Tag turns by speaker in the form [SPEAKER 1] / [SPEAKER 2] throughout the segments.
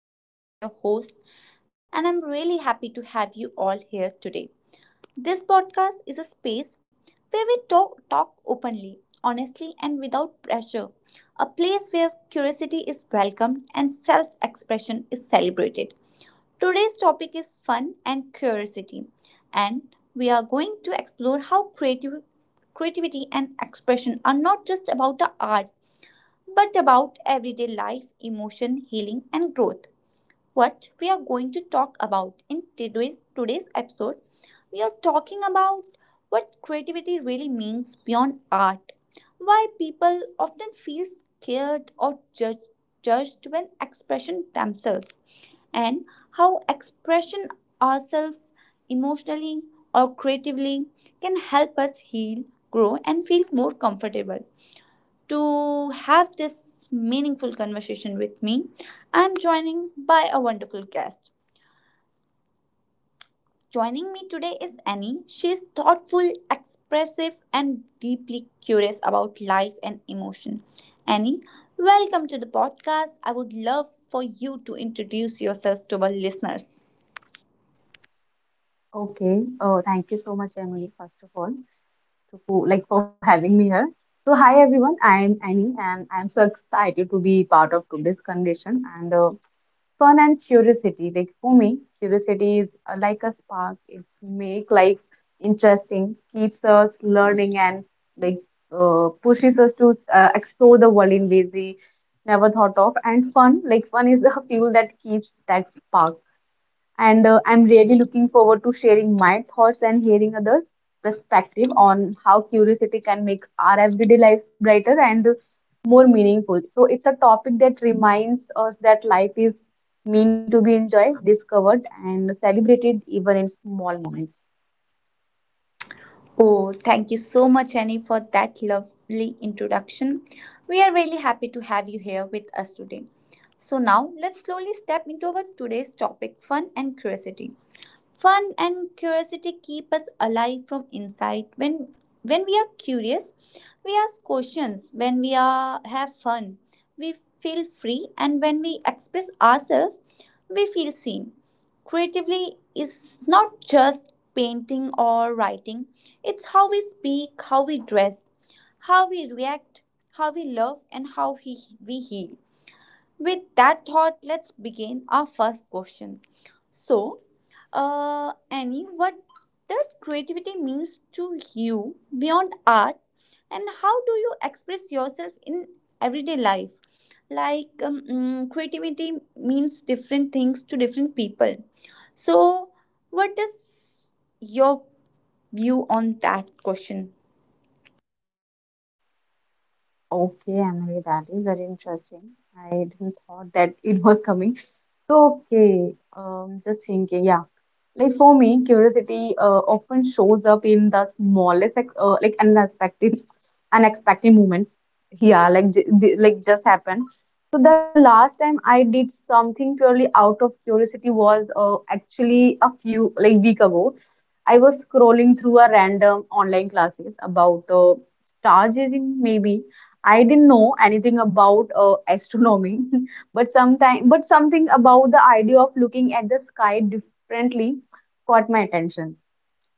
[SPEAKER 1] I'm Emily, your host, and I'm really happy to have you all here today. This podcast is a space where we talk openly, honestly, and without pressure, a place where curiosity is welcomed and self expression is celebrated. Today's topic is fun and curiosity, and we are going to explore how creative creativity and expression are not just about the art but about everyday life, emotion, healing, and growth. What we are going to talk about in today's episode, we are talking about what creativity really means beyond art, why people often feel scared or judged, judged when expression themselves, and how expression ourselves emotionally or creatively can help us heal, grow, and feel more comfortable to have this meaningful conversation with me. I'm joining by a wonderful guest. Joining me today is Annie. She is thoughtful, expressive, and deeply curious about life and emotion. Annie, welcome to the podcast. I would love for you to introduce yourself to our listeners.
[SPEAKER 2] Okay. Oh, thank you so much, Emily, first of all, to, for, like for having me here. So, hi everyone. I'm Annie, and I'm so excited to be part of today's condition and fun and curiosity. Like for me, curiosity is like a spark. It make life interesting, keeps us learning, and like pushes us to explore the world in ways we never thought of. And fun, like fun, is the fuel that keeps that spark, and I'm really looking forward to sharing my thoughts and hearing others' perspective on how curiosity can make our everyday lives brighter and more meaningful. So it's a topic that reminds us that life is meant to be enjoyed, discovered, and celebrated even in small moments.
[SPEAKER 1] Oh, thank you so much, Annie, for that lovely introduction. We are really happy to have you here with us today. So, now let's slowly step into our today's topic fun and curiosity. Fun and curiosity keep us alive from inside. When we are curious, we ask questions. When we are have fun, we feel free, and when we express ourselves, we feel seen. Creatively is not just painting or writing. It's how we speak, how we dress, how we react, how we love, and we heal. With that thought, let's begin our first question. So, Annie, what does creativity means to you beyond art, and how do you express yourself in everyday life? Creativity means different things to different people. So, what is your view on that question?
[SPEAKER 2] Okay, Emily, that is very interesting. I didn't thought that it was coming. So, okay, just thinking, yeah. Like for me, curiosity often shows up in the smallest, unexpected moments. Yeah, like just happened. So the last time I did something purely out of curiosity was actually a few like week ago. I was scrolling through a random online classes about star gazing. Maybe I didn't know anything about astronomy, but sometime but something about the idea of looking at the sky differently caught my attention.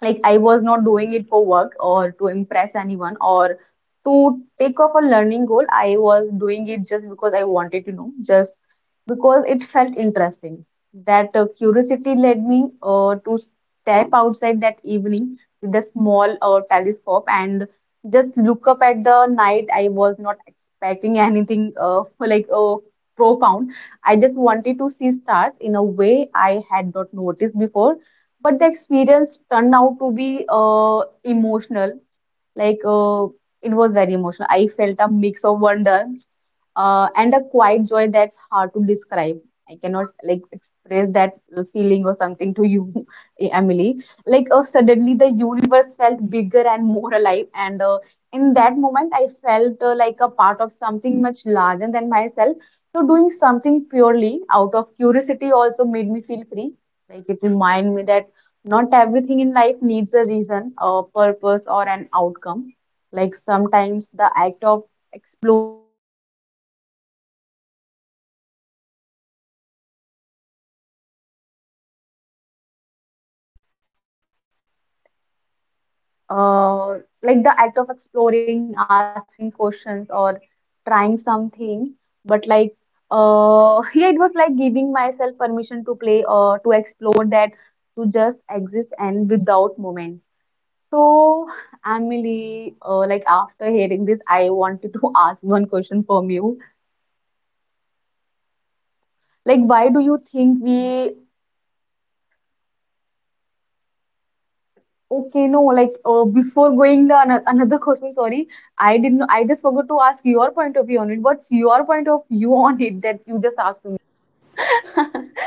[SPEAKER 2] Like I was not doing it for work or to impress anyone or to take off a learning goal. I was doing it just because I wanted to know, just because it felt interesting. That curiosity led me to step outside that evening with a small telescope and just look up at the night. I was not expecting anything profound. I just wanted to see stars in a way I had not noticed before, but the experience turned out to be emotional. Like it was very emotional. I felt a mix of wonder and a quiet joy that's hard to describe. I cannot like express that feeling or something to you, Emily. Like suddenly the universe felt bigger and more alive, and in that moment I felt like a part of something much larger than myself. So doing something purely out of curiosity also made me feel free. Like, it reminded me that not everything in life needs a reason, a purpose, or an outcome. Like sometimes the act of exploring, asking questions, and like I was saying that uh, like the act of exploring, asking questions, or trying something, but like yeah, it was like giving myself permission to play, to explore that, to just exist and without moment. So, Emily, like after hearing this, I wanted to ask one question from you. Like, why do you think we? Okay, no, like before going the another question, sorry, I didn't. I just forgot to ask your point of view on it. What's your point of view on it that you just asked me?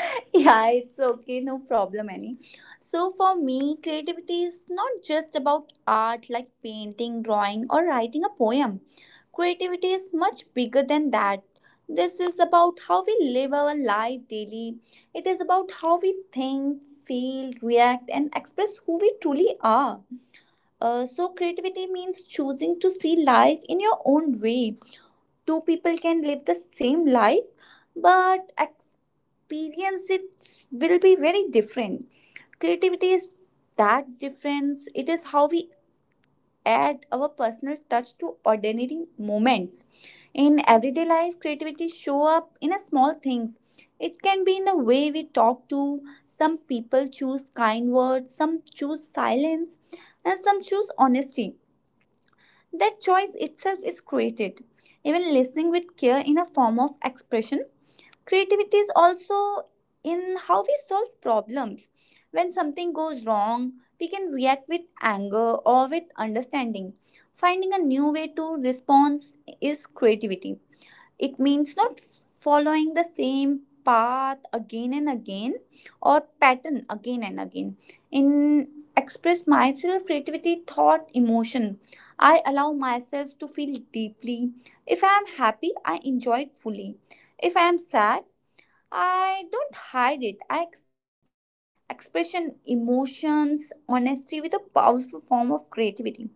[SPEAKER 1] Yeah, it's okay, no problem, Annie. So, for me, creativity is not just about art like painting, drawing, or writing a poem. Creativity is much bigger than that. This is about how we live our life daily, it is about how we think, feel, react, and express who we truly are. So, creativity means choosing to see life in your own way. Two people can live the same life, but experience it will be very different. Creativity is that difference. It is how we add our personal touch to ordinary moments in everyday life. Creativity show up in a small things. It can be in the way we talk to some people, choose kind words, some choose silence, and some choose honesty. That choice itself is created. Even listening with care in a form of expression. Creativity is also in how we solve problems. When something goes wrong, we can react with anger or with understanding. Finding a new way to respond is creativity. It means not following the same path again and again or pattern again and again. In express myself, creativity, thought, emotion. I allow myself to feel deeply. If I am happy, I enjoy it fully. If I am sad, I don't hide it, I accept it. Expression, emotions, honesty with a powerful form of creativity.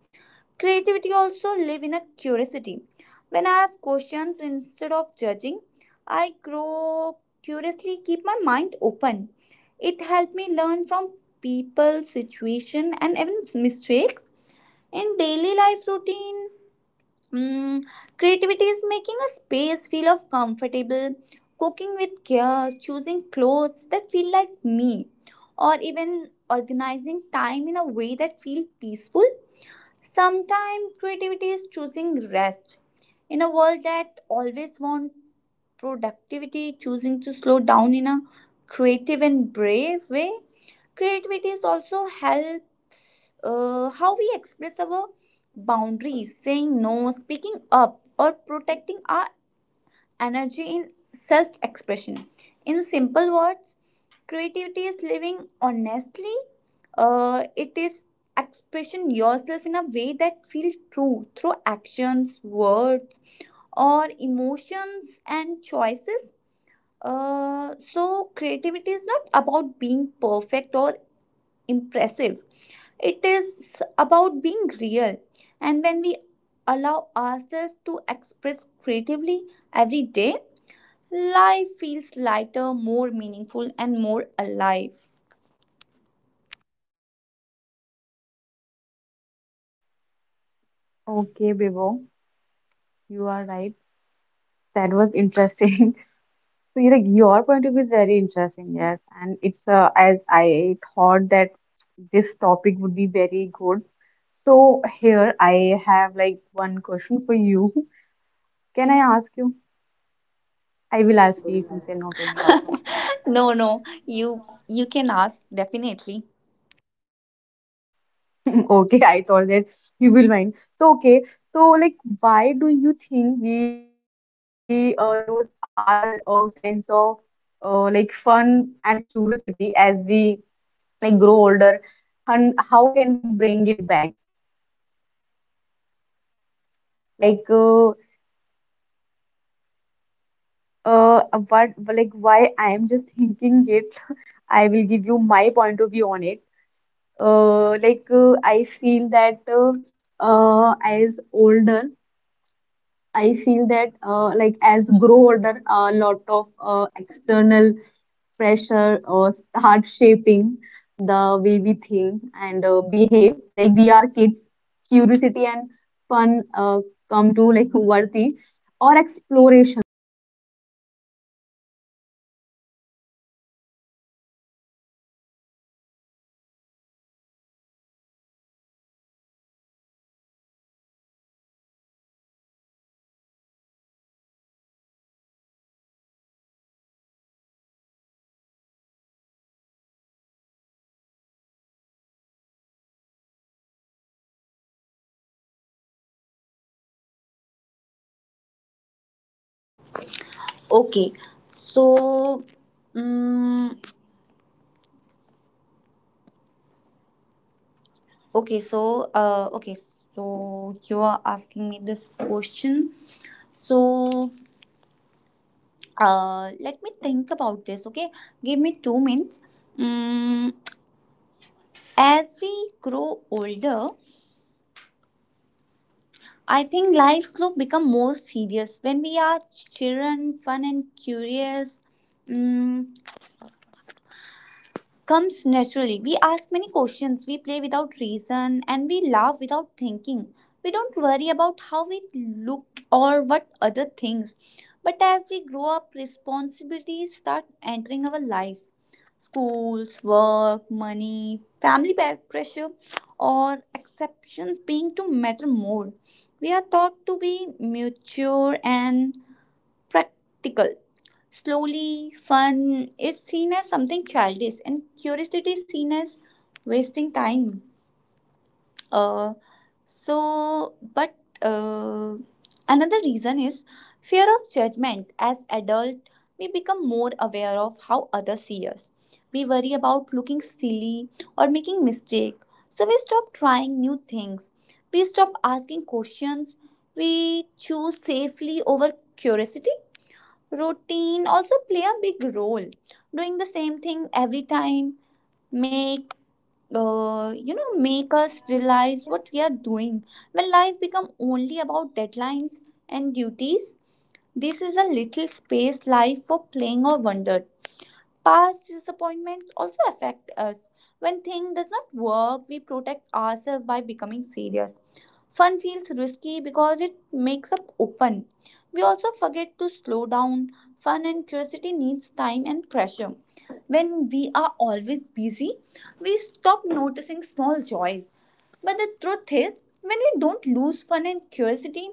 [SPEAKER 1] Creativity also live in a curiosity. When I ask questions instead of judging, I grow curiously keep my mind open. It helped me learn from people, situation and even mistakes. In daily life routine, Mm, creativity is making a space feel of comfortable, cooking with care, choosing clothes that feel like me, or even organizing time in a way that feels peaceful. Sometimes creativity is choosing rest. In a world that always wants productivity, choosing to slow down in a creative and brave way. Creativity is also helps how we express our boundaries, saying no, speaking up, or protecting our energy in self expression. In simple words, creativity is living honestly, it is expression yourself in a way that feels true through actions, words, or emotions and choices. So creativity is not about being perfect or impressive. It is about being real. And when we allow ourselves to express creatively every day, life feels lighter, more meaningful, and more alive.
[SPEAKER 2] Okay, Bibo, you are right. That was interesting. So, you like your point of view is very interesting, yes. And it's as I thought that this topic would be very good. So here I have like one question for you. Can I ask you? I will ask you if you say no to me also.
[SPEAKER 1] No, no, you can ask definitely.
[SPEAKER 2] Okay, I thought that you will mind. So, okay, so like, why do you think we lose our sense of like fun and curiosity as we like grow older, and how can we bring it back? Like uh what, like why I am just thinking it. I will give you my point of view. It like I feel that as older, I feel that like as grow older, a lot of external pressure or start shaping the way we think and behave. Like we are kids, curiosity and fun come to like worthy or exploration. Like we ask endless questions, like touch things, try things, are not afraid to fail or look silly. But as we grow up, society teaches us rules, behave, be responsible, think practically. Slowly, our nature, sense of humor, or yeah, this was just I was saying, and I know, like.
[SPEAKER 1] Okay, so um, so you are asking me this question. So Let me think about this, okay? Give me 2 minutes. Mm, as we grow older, I think lives look become more serious. When we are children, fun and curious, mm, comes naturally. We ask many questions, we play without reason, and we laugh without thinking. We don't worry about how we look or what other things. But as we grow up, responsibilities start entering our lives schools, work, money, pressure, or exceptions being to matter more. We are taught to be mature and practical. Slowly, fun is seen as something childish, and curiosity is seen as wasting time. Uh, but uh, another reason is fear of judgment. As adult, we become more aware of how others see us. We worry about looking silly or making mistake. So we stop trying new things. We stop asking questions. We choose safely over curiosity. Routine also play a big role, doing the same thing every time make, make us realize what we are doing. When life become only about deadlines and duties, this is a little space life for playing or wonder. Past disappointments also affect us. When thing does not work, we protect ourselves by becoming serious. Fun feels risky because it makes up open. We also forget to slow down. Fun and curiosity needs time and pressure. When we are always busy, we stop noticing small joys. But the truth is, when we don't lose fun and curiosity,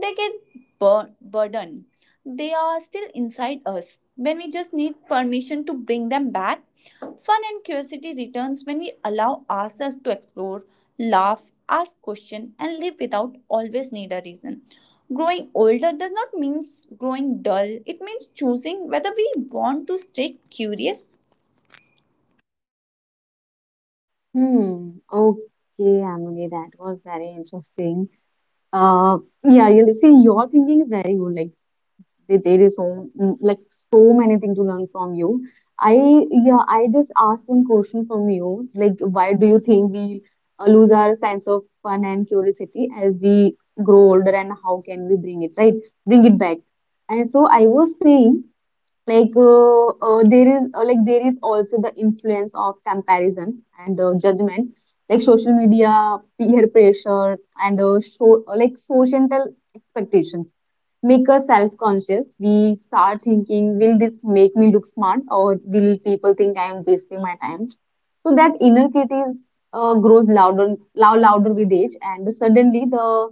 [SPEAKER 1] they get burdened. They are still inside us. When we just need permission to bring them back, fun and curiosity returns when we allow ourselves to explore, laugh, ask questions, and live without always need a reason. Growing older does not mean growing dull. It means choosing whether we want to stay curious.
[SPEAKER 2] Hmm. Okay, Amuni, that was very interesting. Uh, yeah, you'll see your thinking is very good. Like, there is so like so many things to learn from you. I Yeah, I just asked one question from you. Like, why do you think we lose our sense of fun and curiosity as we grow older, and how can we bring it back? And so I was saying. Like there is also the influence of comparison and judgment, like social media, peer pressure, and like societal expectations make us self-conscious. We start thinking, will this make me look smart, or will people think I am wasting my time? So that inner critic is grows louder, louder with age, and suddenly the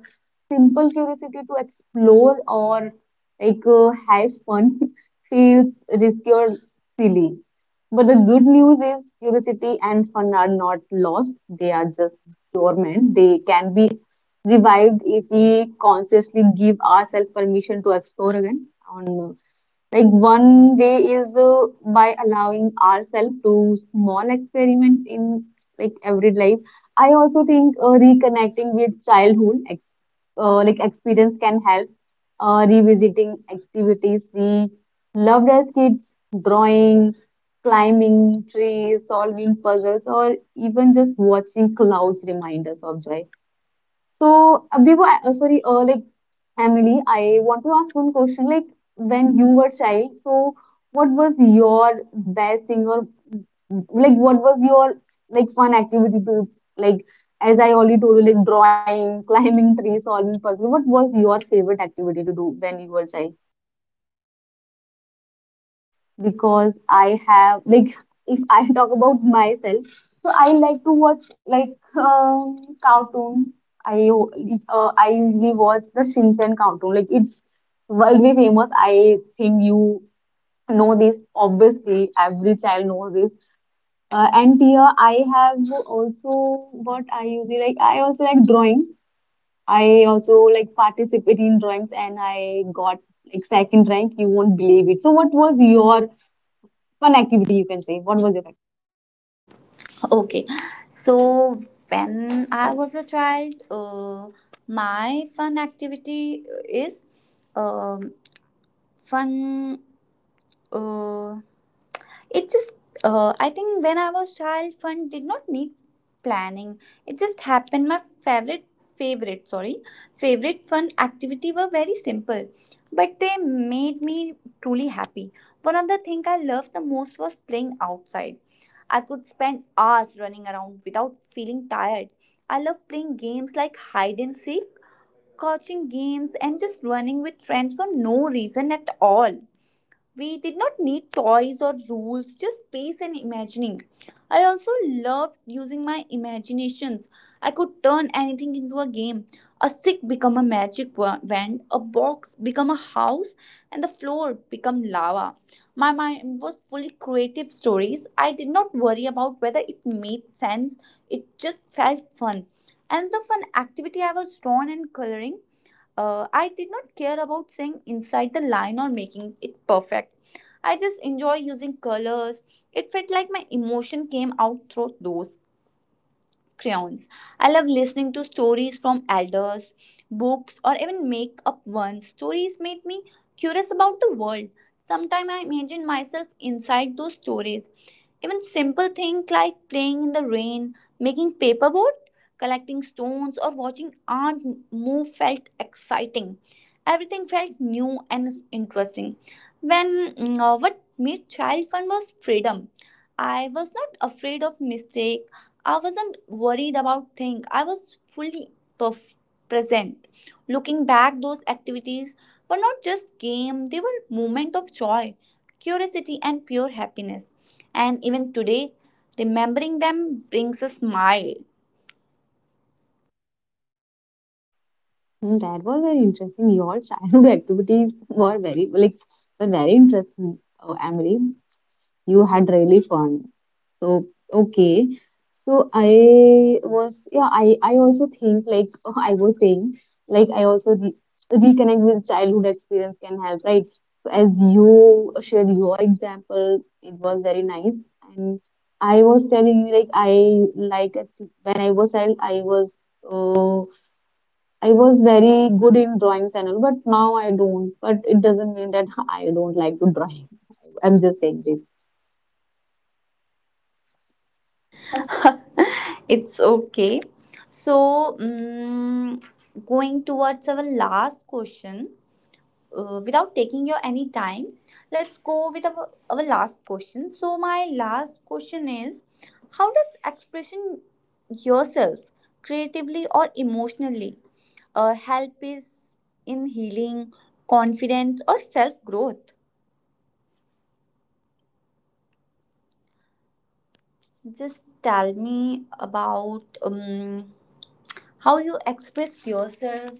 [SPEAKER 2] simple curiosity to explore or like have fun feels risky or silly. But the good news is curiosity and fun are not lost. They are just dormant. They can be revived if we consciously give ourselves permission to explore again. On Like, one way is by allowing ourselves to small experiments in like every life. I also think reconnecting with childhood ex like experience can help. Revisiting activities we loved as kids, drawing, climbing trees, solving puzzles, or even just watching clouds remind us of joy. So, Abhibu, sorry, Emily, I want to ask one question. Like, when you were child, so what was your best thing, or like what was your like fun activity to like? As I already told you, like drawing, climbing trees, solving puzzle. What was your favorite activity to do when you were child? Because I have like, if I talk about myself, so I like to watch like cartoon. I I usually watch the Shinchan cartoon. Like it's worldly famous. I think you know this. Obviously, every child knows this. And here I have also what I usually like. I also like drawing. I also like participate in drawings, and I got like second rank. You won't believe it. So, what was your fun activity, you can say. What was your.
[SPEAKER 1] Okay, so when I was a child, my fun activity is um, fun. Uh, it just, I think when I was child, fun did not need planning. It just happened. My favorite, sorry, favorite fun activity were very simple, but they made me truly happy. One of the thing I loved the most was playing outside. I could spend hours running around without feeling tired. I love playing games like hide and seek, catching games, and just running with friends for no reason at all. We did not need toys or rules, just space and imagining. I also loved using my imaginations. I could turn anything into a game. A stick become a wand, a box become a house, and the floor become lava. My mind was fully creative stories. I did not worry about whether it made sense. It just felt fun. Another fun activity I was drawn and coloring. I did not care about saying inside the line or making it perfect. I just enjoy using colors. It felt like my emotion came out through those crayons. I love listening to stories from elders, books, or even make up ones. Stories make me curious about the world. Sometimes I imagine myself inside those stories. Even simple things like playing in the rain, making paperboard, collecting stones, or watching art move felt exciting. Everything felt new and interesting. What made child fun was freedom. I was not afraid of mistake. I wasn't worried about things. I was fully perf- present. Looking back, those activities were not just game, they were moment of joy, curiosity and pure happiness. And even today, remembering them brings a smile.
[SPEAKER 2] Hmm. That was very interesting. Your childhood activities were very interesting. Oh, Emily, you had really fun. So, okay, so I was yeah, I also think, like, I was saying, like I also re reconnect with childhood experience can help, right. So as you shared your example, it was very nice, and I was telling you, like I like, when I was child, I was. uh, I was very good in drawings and all, but now I don't. But it doesn't mean that I don't like to drawing. I'm just saying this.
[SPEAKER 1] It's okay. So, going towards our last question, without taking your any time, let's go with our last question. So my last question is how does expression yourself creatively or emotionally help is in healing, confidence or self growth. Just tell me about how you express yourself,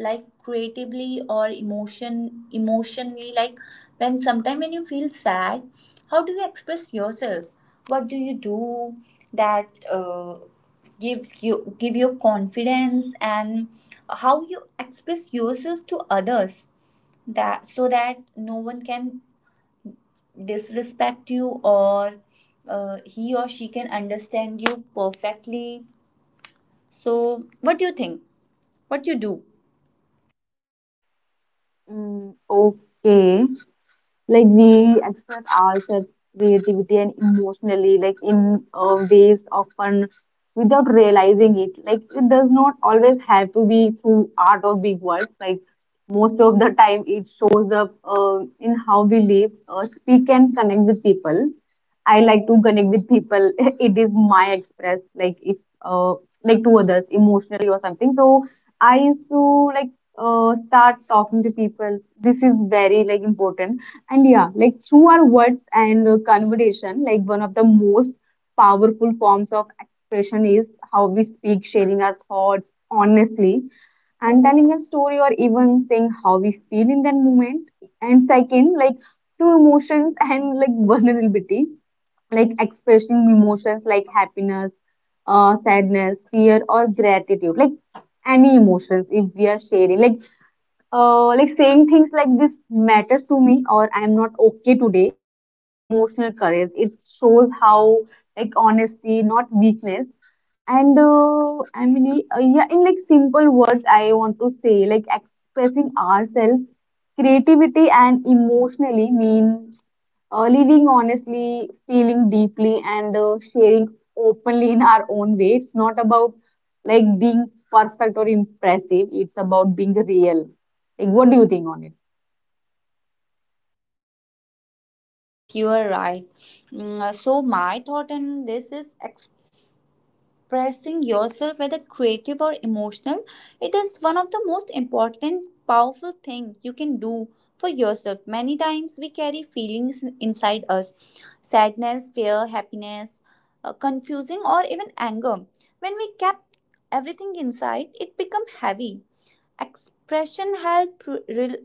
[SPEAKER 1] like creatively or emotionally, like when sometime when you feel sad, how do you express yourself, what do you do that uh, give you confidence, and how you express yourself to others, that so that no one can disrespect you or he or she can understand you perfectly. So what do you think, what you do?
[SPEAKER 2] Mm, okay. Like we express ourselves creativity and emotionally, like in ways often without realizing it. Like it does not always have to be through art or big words. Like most of the time, it shows up in how we live, speak, and connect with people. I like to connect with people. It is my express, like, if uh, like, to others emotionally or something. So I used to like start talking to people. This is very like important. And yeah, like through our words and conversation, like one of the most powerful forms of expression is how we speak, sharing our thoughts honestly and telling a story or even saying how we feel in that moment. And second, like through emotions and like vulnerability, like expressing emotions like happiness, sadness, fear, or gratitude, like any emotions if we are sharing. Like saying things like, this matters to me, or I am not okay today, is emotional courage. It shows how like honesty, not weakness. And Emily, yeah, in like simple words, I want to say, like, expressing ourselves, creativity and emotionally mean living honestly, feeling deeply, and sharing openly in our own way. It's not about like being perfect or impressive. It's about being real. Like, what do you think on it?
[SPEAKER 1] Yes, you are right. So, my thought on this is expressing yourself, whether creative or emotional, it is one of the most important, powerful thing you can do for yourself. Many times we carry feelings inside us sadness, fear, happiness, confusing, or even anger. When we kept everything inside, it become heavy. Expression help re-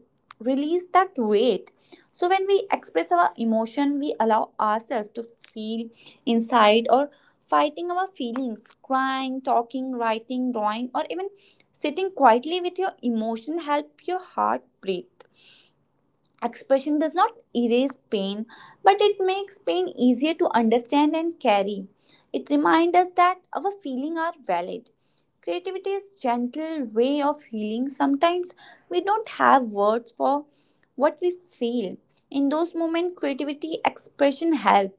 [SPEAKER 1] release that weight. So when we express our emotion, we allow ourselves to feel inside or fighting our feelings, crying, talking, writing, drawing, or even sitting quietly with your emotion, help your heart breathe. Expression does not erase pain, but it makes pain easier to understand and carry. It reminds us that our feelings are valid. Creativity is gentle way of healing. Sometimes we don't have words for what we feel. In those moments, creativity expression helps.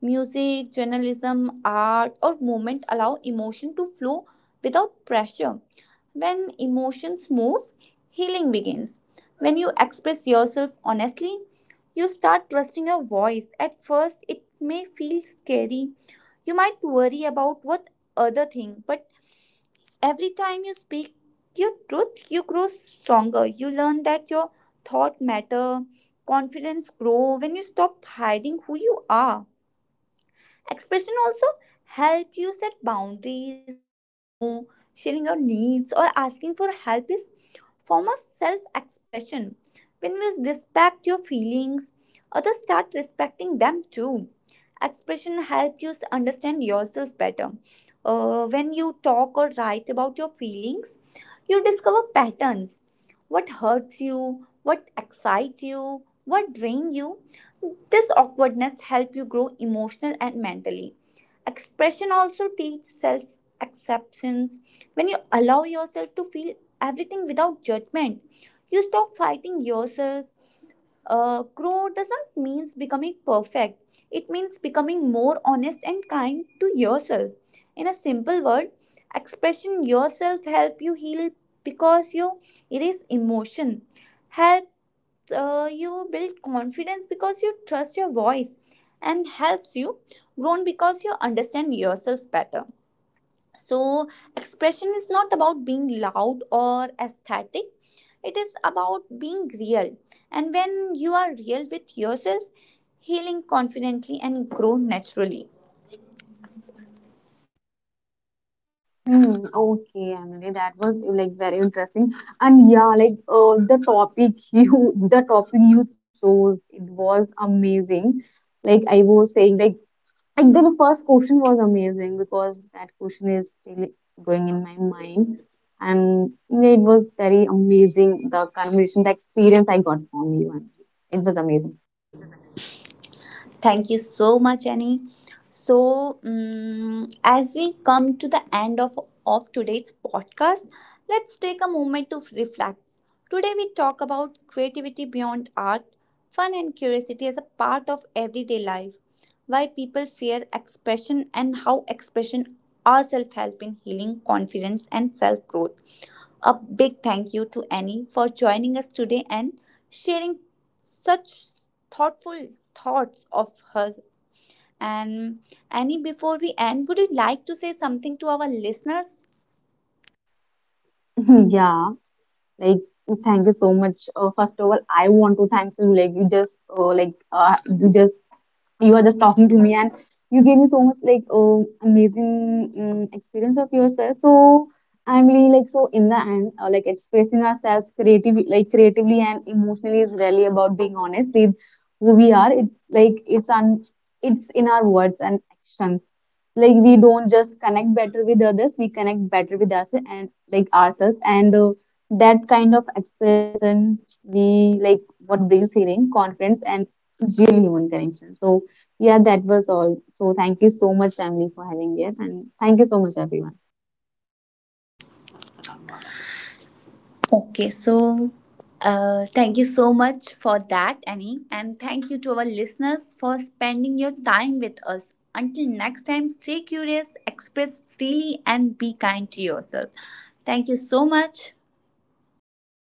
[SPEAKER 1] Music, journalism, art, or movement allow emotion to flow without pressure. When emotions move, healing begins. When you express yourself honestly, you start trusting your voice. At first, it may feel scary. You might worry about what other think, but every time you speak your truth, you grow stronger. You learn that your thought matter, confidence grow when you stop hiding who you are. Expression also help you set boundaries, saying no, sharing your needs, or asking for help is form of self expression. When you respect your feelings, others start respecting them too. Expression helps you understand yourself better. When you talk or write about your feelings, you discover patterns. What hurts you, what excites you, what drains you. This awkwardness helps you grow emotional and mentally. Expression also teaches self acceptance. When you allow yourself to feel everything without judgment. You stop fighting yourself. Growth does not mean becoming perfect. It means becoming more honest and kind to yourself. In a simple word, expression yourself help you heal because you erase emotion. Helps you build confidence because you trust your voice, and helps you grow because you understand yourself better. So, expression is not about being loud or aesthetic, it is about being real. And when you are real with yourself, healing confidently and grow naturally.
[SPEAKER 2] Hmm. Okay, Emily, that was like very interesting. And yeah, like the topic you the topic you chose, it was amazing. Like I was saying, like the first question was amazing because that question is really going in my mind, and yeah, it was very amazing. The conversation, the experience I got from you, and it was amazing.
[SPEAKER 1] Thank you so much, Annie. So, as we come to the end of today's podcast, let's take a moment to reflect. Today, we talk about creativity beyond art, fun, and curiosity as a part of everyday life, why people fear expression, and how expression are self help in healing, confidence, and self growth. A big thank you to Annie for joining us today and sharing such thoughtful thoughts of her. And Annie, before we end, would you like to say something to our listeners?
[SPEAKER 2] Yeah. Like, thank you so much. First of all, I want to thank you. Like, you just, you just you are just talking to me, and you gave me so much like amazing experience of yourself. So I'm really, like, so in the end, like expressing ourselves creatively, like creatively and emotionally, is really about being honest with who we are. It's like, it's in our words and actions. Like we don't just connect better with others, we connect better with us and like ourselves. And that kind of expression, we like, what brings healing, confidence, and real human connection. So yeah, that was all. So thank you so much, Ramli, for having it. And thank you so much, everyone.
[SPEAKER 1] Okay, so thank you so much for that, Annie. And thank you to our listeners for spending your time with us. Until next time, stay curious, express freely, and be kind to yourself. Thank you so much.